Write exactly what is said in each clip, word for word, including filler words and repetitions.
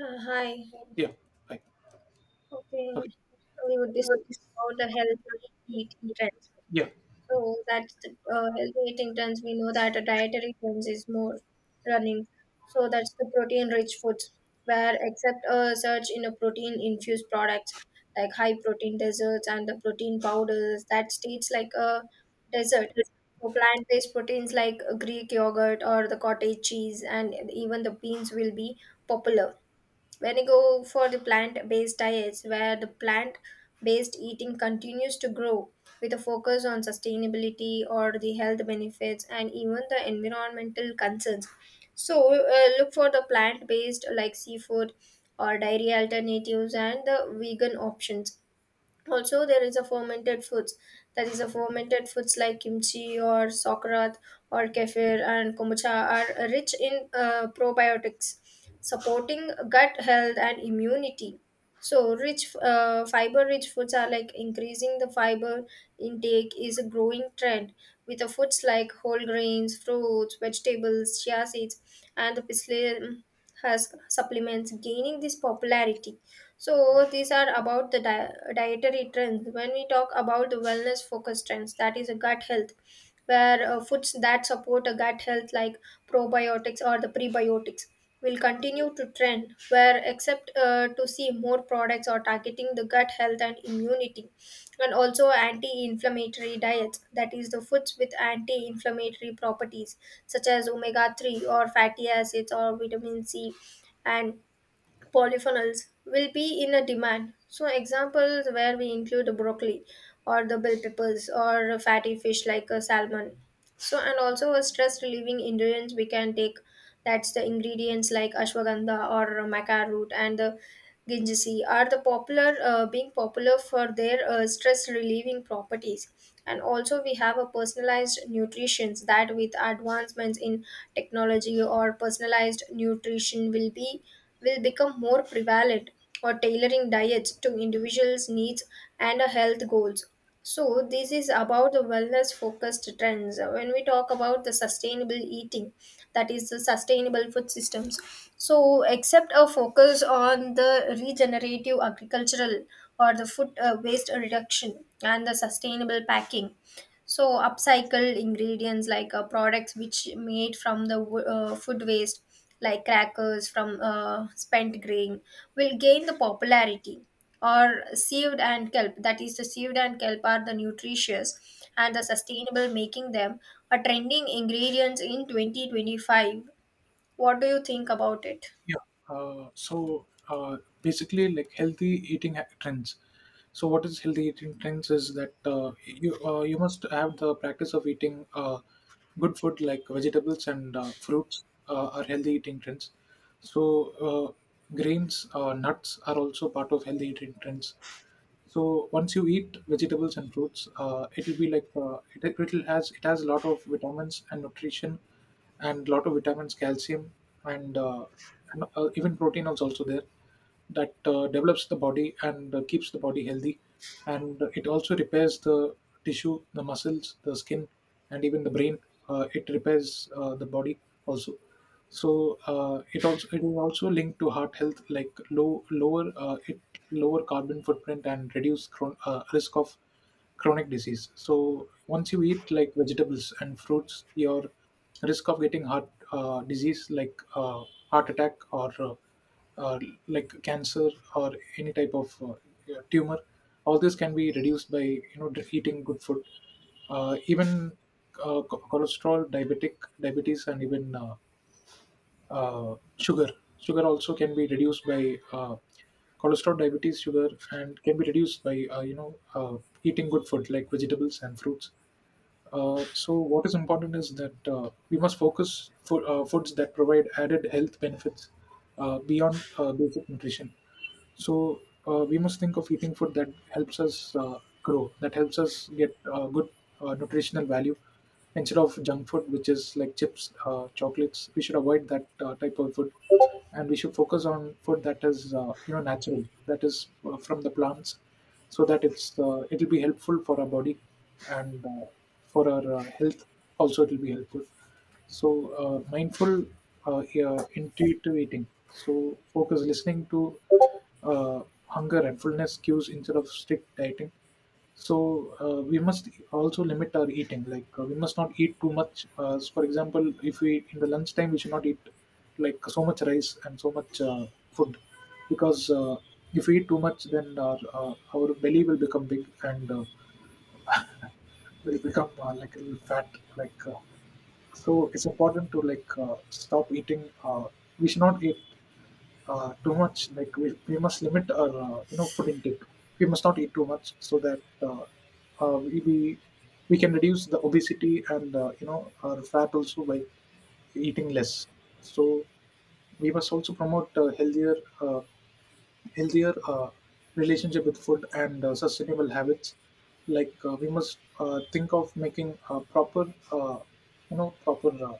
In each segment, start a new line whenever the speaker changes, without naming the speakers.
Uh, hi.
Yeah. Right.
Okay,
Okay.
so we would discuss about the healthy eating trends.
Yeah.
So that's the uh, healthy eating trends. We know that a dietary trends is more running. So that's the protein-rich foods, where except a search in a protein-infused products like high-protein desserts and the protein powders that tastes like a dessert. So plant-based proteins like Greek yogurt or the cottage cheese and even the beans will be popular when you go for the plant based diets, where the plant based eating continues to grow with a focus on sustainability or the health benefits and even the environmental concerns. So, uh, look for the plant based like seafood or dairy alternatives and the vegan options. Also there is a fermented foods, that is a fermented foods like kimchi or sauerkraut or kefir and kombucha are rich in uh, probiotics supporting gut health and immunity. So rich uh, fiber rich foods are like increasing the fiber intake is a growing trend with the foods like whole grains, fruits, vegetables, chia seeds, and the psyllium husk supplements gaining this popularity. So these are about the di- dietary trends. When we talk about the wellness focused trends, that is a gut health, where uh, foods that support a gut health like probiotics or the prebiotics will continue to trend where except uh, to see more products or targeting the gut health and immunity. And also anti-inflammatory diets, that is the foods with anti-inflammatory properties such as omega three or fatty acids or vitamin c and polyphenols will be in a demand. So examples where we include the broccoli or the bell peppers or fatty fish like a salmon. So and also a stress relieving ingredients we can take, that's the ingredients like ashwagandha or maca root and the gingemc are the popular, uh, being popular for their uh, stress relieving properties. And also we have a personalized nutrition that with advancements in technology or personalized nutrition will be will become more prevalent or tailoring diets to individuals needs and uh, health goals. So this is about the wellness focused trends. When we talk about the sustainable eating, that is the sustainable food systems. So, except a focus on the regenerative agricultural or the food uh, waste reduction and the sustainable packing, so upcycle ingredients like uh, products which made from the wo- uh, food waste, like crackers from uh, spent grain, will gain the popularity. Or sieved and kelp, that is, the sieved and kelp are the nutritious and the sustainable, making them a trending ingredients in twenty twenty-five. What do you think about it?
Yeah. Uh, so uh, basically, like healthy eating ha- trends. So what is healthy eating trends is that uh, you uh, you must have the practice of eating uh, good food like vegetables and uh, fruits uh, are healthy eating trends. So uh, grains, uh, nuts are also part of healthy eating trends. So once you eat vegetables and fruits, uh, it'll be like uh, it, it'll has it has a lot of vitamins and nutrition, and lot of vitamins, calcium, and, uh, and uh, even protein is also there that uh, develops the body and uh, keeps the body healthy, and it also repairs the tissue, the muscles, the skin, and even the brain. Uh, it repairs uh, the body also. So uh, it also it is also linked to heart health, like low lower uh, it lower carbon footprint and reduce chron- uh, risk of chronic disease. So once you eat like vegetables and fruits, your risk of getting heart uh, disease like uh, heart attack or uh, uh, like cancer or any type of uh, tumor, all this can be reduced by you know dr- eating good food. Uh, even uh, cho- cholesterol, diabetic diabetes, and even uh, uh, sugar. Sugar also can be reduced by uh, cholesterol, diabetes, sugar, and can be reduced by uh, you know uh, eating good food like vegetables and fruits. Uh, so what is important is that uh, we must focus for uh, foods that provide added health benefits uh, beyond uh, basic nutrition. So uh, we must think of eating food that helps us uh, grow, that helps us get uh, good uh, nutritional value instead of junk food, which is like chips, uh, chocolates. We should avoid that uh, type of food, and we should focus on food that is uh, you know natural, that is uh, from the plants, so that it's uh, it'll be helpful for our body and uh, for our uh, health. Also, it'll be helpful. So uh, mindful, uh, yeah, intuitive eating. So focus listening to uh, hunger and fullness cues instead of strict dieting. So uh, we must also limit our eating. Like uh, we must not eat too much. Uh, so for example, if we in the lunchtime we should not eat like so much rice and so much uh, food, because uh, if we eat too much, then our, uh, our belly will become big and uh, will become uh, like a little fat. Like uh, so it's important to like uh, stop eating. Uh, we should not eat uh, too much. Like we, we must limit our uh, you know food intake. We must not eat too much so that uh, uh, we, we we can reduce the obesity and uh, you know our fat also by eating less. So we must also promote uh, healthier uh, healthier uh, relationship with food and uh, sustainable habits. Like uh, we must uh, think of making uh, proper uh, you know proper uh,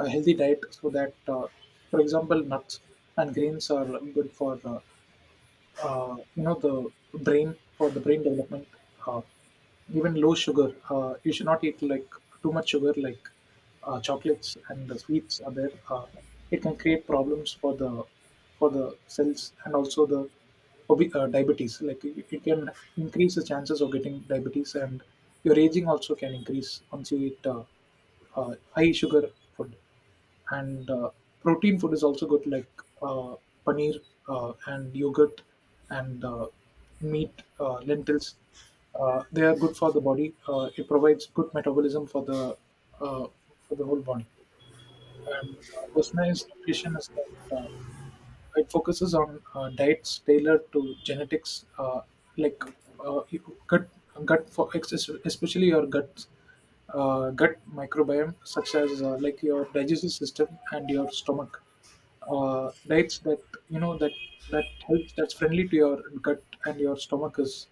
a healthy diet so that uh, for example nuts and grains are good for uh, uh, you know the brain for the brain development uh, even low sugar. Uh, you should not eat like too much sugar like uh, chocolates and the sweets are there. Uh, it can create problems for the for the cells and also the obe- uh, diabetes. Like it, it can increase the chances of getting diabetes, and your aging also can increase once you eat uh, uh, high sugar food. And uh, Protein food is also good, like uh, paneer uh, and yogurt and uh, meat, uh, lentils. Uh, they are good for the body. Uh, it provides good metabolism for the uh, for the whole body. And uh, Personalized nutrition is that. Uh, it focuses on uh, diets tailored to genetics, uh, like uh, you- gut gut for ex- especially your gut uh, gut microbiome, such as uh, like your digestive system and your stomach. Uh, diets that you know that that helps that's friendly to your gut and your stomach is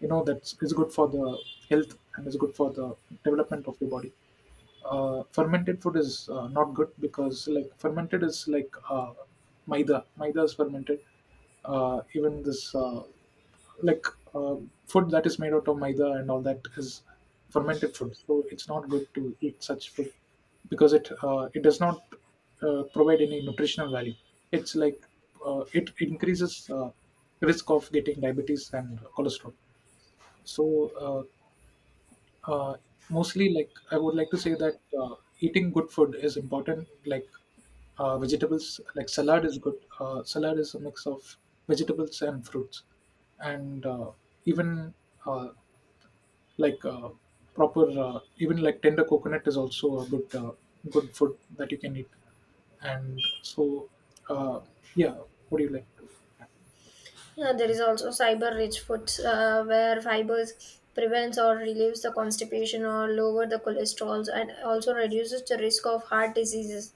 you know that's is good for the health and is good for the development of your body. Uh, fermented food is uh, not good because like fermented is like uh, maida maida. Is fermented. Uh, even this uh, like uh, Food that is made out of maida and all that is fermented food, so it's not good to eat such food because it uh, it does not uh, provide any nutritional value. It's like uh, it increases uh, risk of getting diabetes and cholesterol. So uh, uh, mostly, like, I would like to say that uh, eating good food is important. Like uh, vegetables, like salad is good. Uh, salad is a mix of vegetables and fruits, and uh, even uh, like uh, proper, uh, even like tender coconut is also a good uh, good food that you can eat. And so, uh, yeah, what do you like?
Yeah, there is also fiber rich foods uh, where fibers prevents or relieves the constipation or lower the cholesterol and also reduces the risk of heart diseases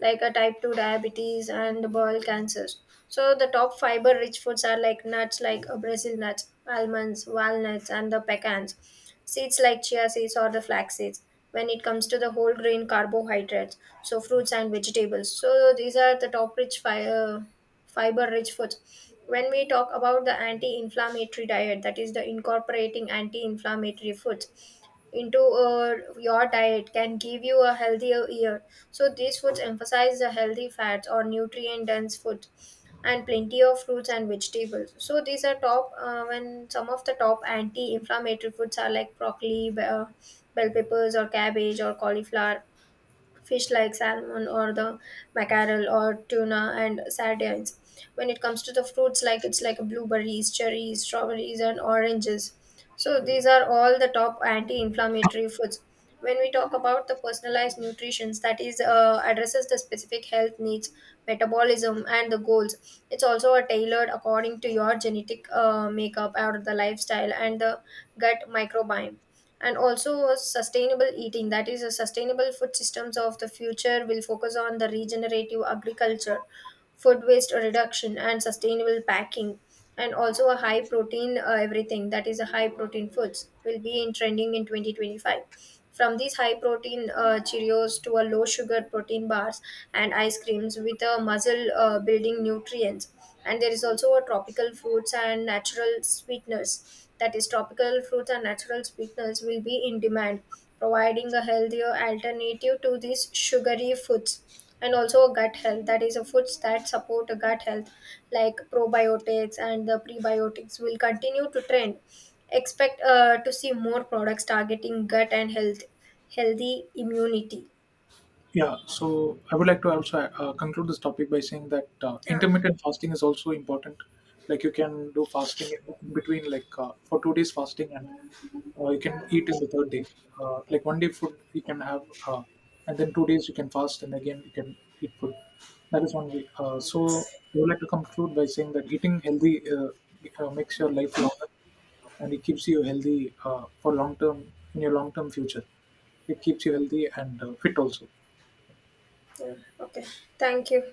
like a type two diabetes and bowel cancers. So the top fiber-rich foods are like nuts like uh, Brazil nuts, almonds, walnuts and the pecans, seeds like chia seeds or the flax seeds. When it comes to the whole grain carbohydrates, so fruits and vegetables. So these are the top rich fiber fiber rich foods. When we talk about the anti-inflammatory diet, that is the incorporating anti-inflammatory foods into uh, your diet can give you a healthier year. So these foods emphasize the healthy fats or nutrient dense foods and plenty of fruits and vegetables. So these are top uh, when some of the top anti-inflammatory foods are like broccoli, be- uh, bell peppers or cabbage or cauliflower, fish like salmon or the mackerel or tuna and sardines. When it comes to the fruits, like it's like blueberries, cherries, strawberries, and oranges. So these are all the top anti-inflammatory foods. When we talk about the personalized nutrition, that is uh, addresses the specific health needs, metabolism, and the goals. It's also a tailored according to your genetic uh, makeup or the lifestyle and the gut microbiome. And also a sustainable eating, that is a sustainable food systems of the future will focus on the regenerative agriculture, food waste reduction and sustainable packing. And also a high protein uh, everything, that is a high protein foods will be in trending in twenty twenty-five, from these high protein uh, cheerios to a low sugar protein bars and ice creams with a muscle uh, building nutrients. And there is also a tropical fruits and natural sweeteners, that is tropical fruits and natural sweeteners will be in demand, providing a healthier alternative to these sugary foods. And also gut health, that is the foods that support gut health like probiotics and the prebiotics will continue to trend, expect uh, to see more products targeting gut and health healthy immunity.
Yeah, so I would like to also uh, conclude this topic by saying that uh,
Yeah,
intermittent fasting is also important. Like you can do fasting in between, like uh, for two days fasting, and uh, you can eat in the third day. Uh, like one day food you can have, uh, and then two days you can fast, and again you can eat food. That is one way. Uh, so I would like to conclude by saying that eating healthy uh, uh, makes your life longer, and it keeps you healthy uh, for long term in your long term future. It keeps you healthy and uh, fit also.
yeah. Okay, thank you.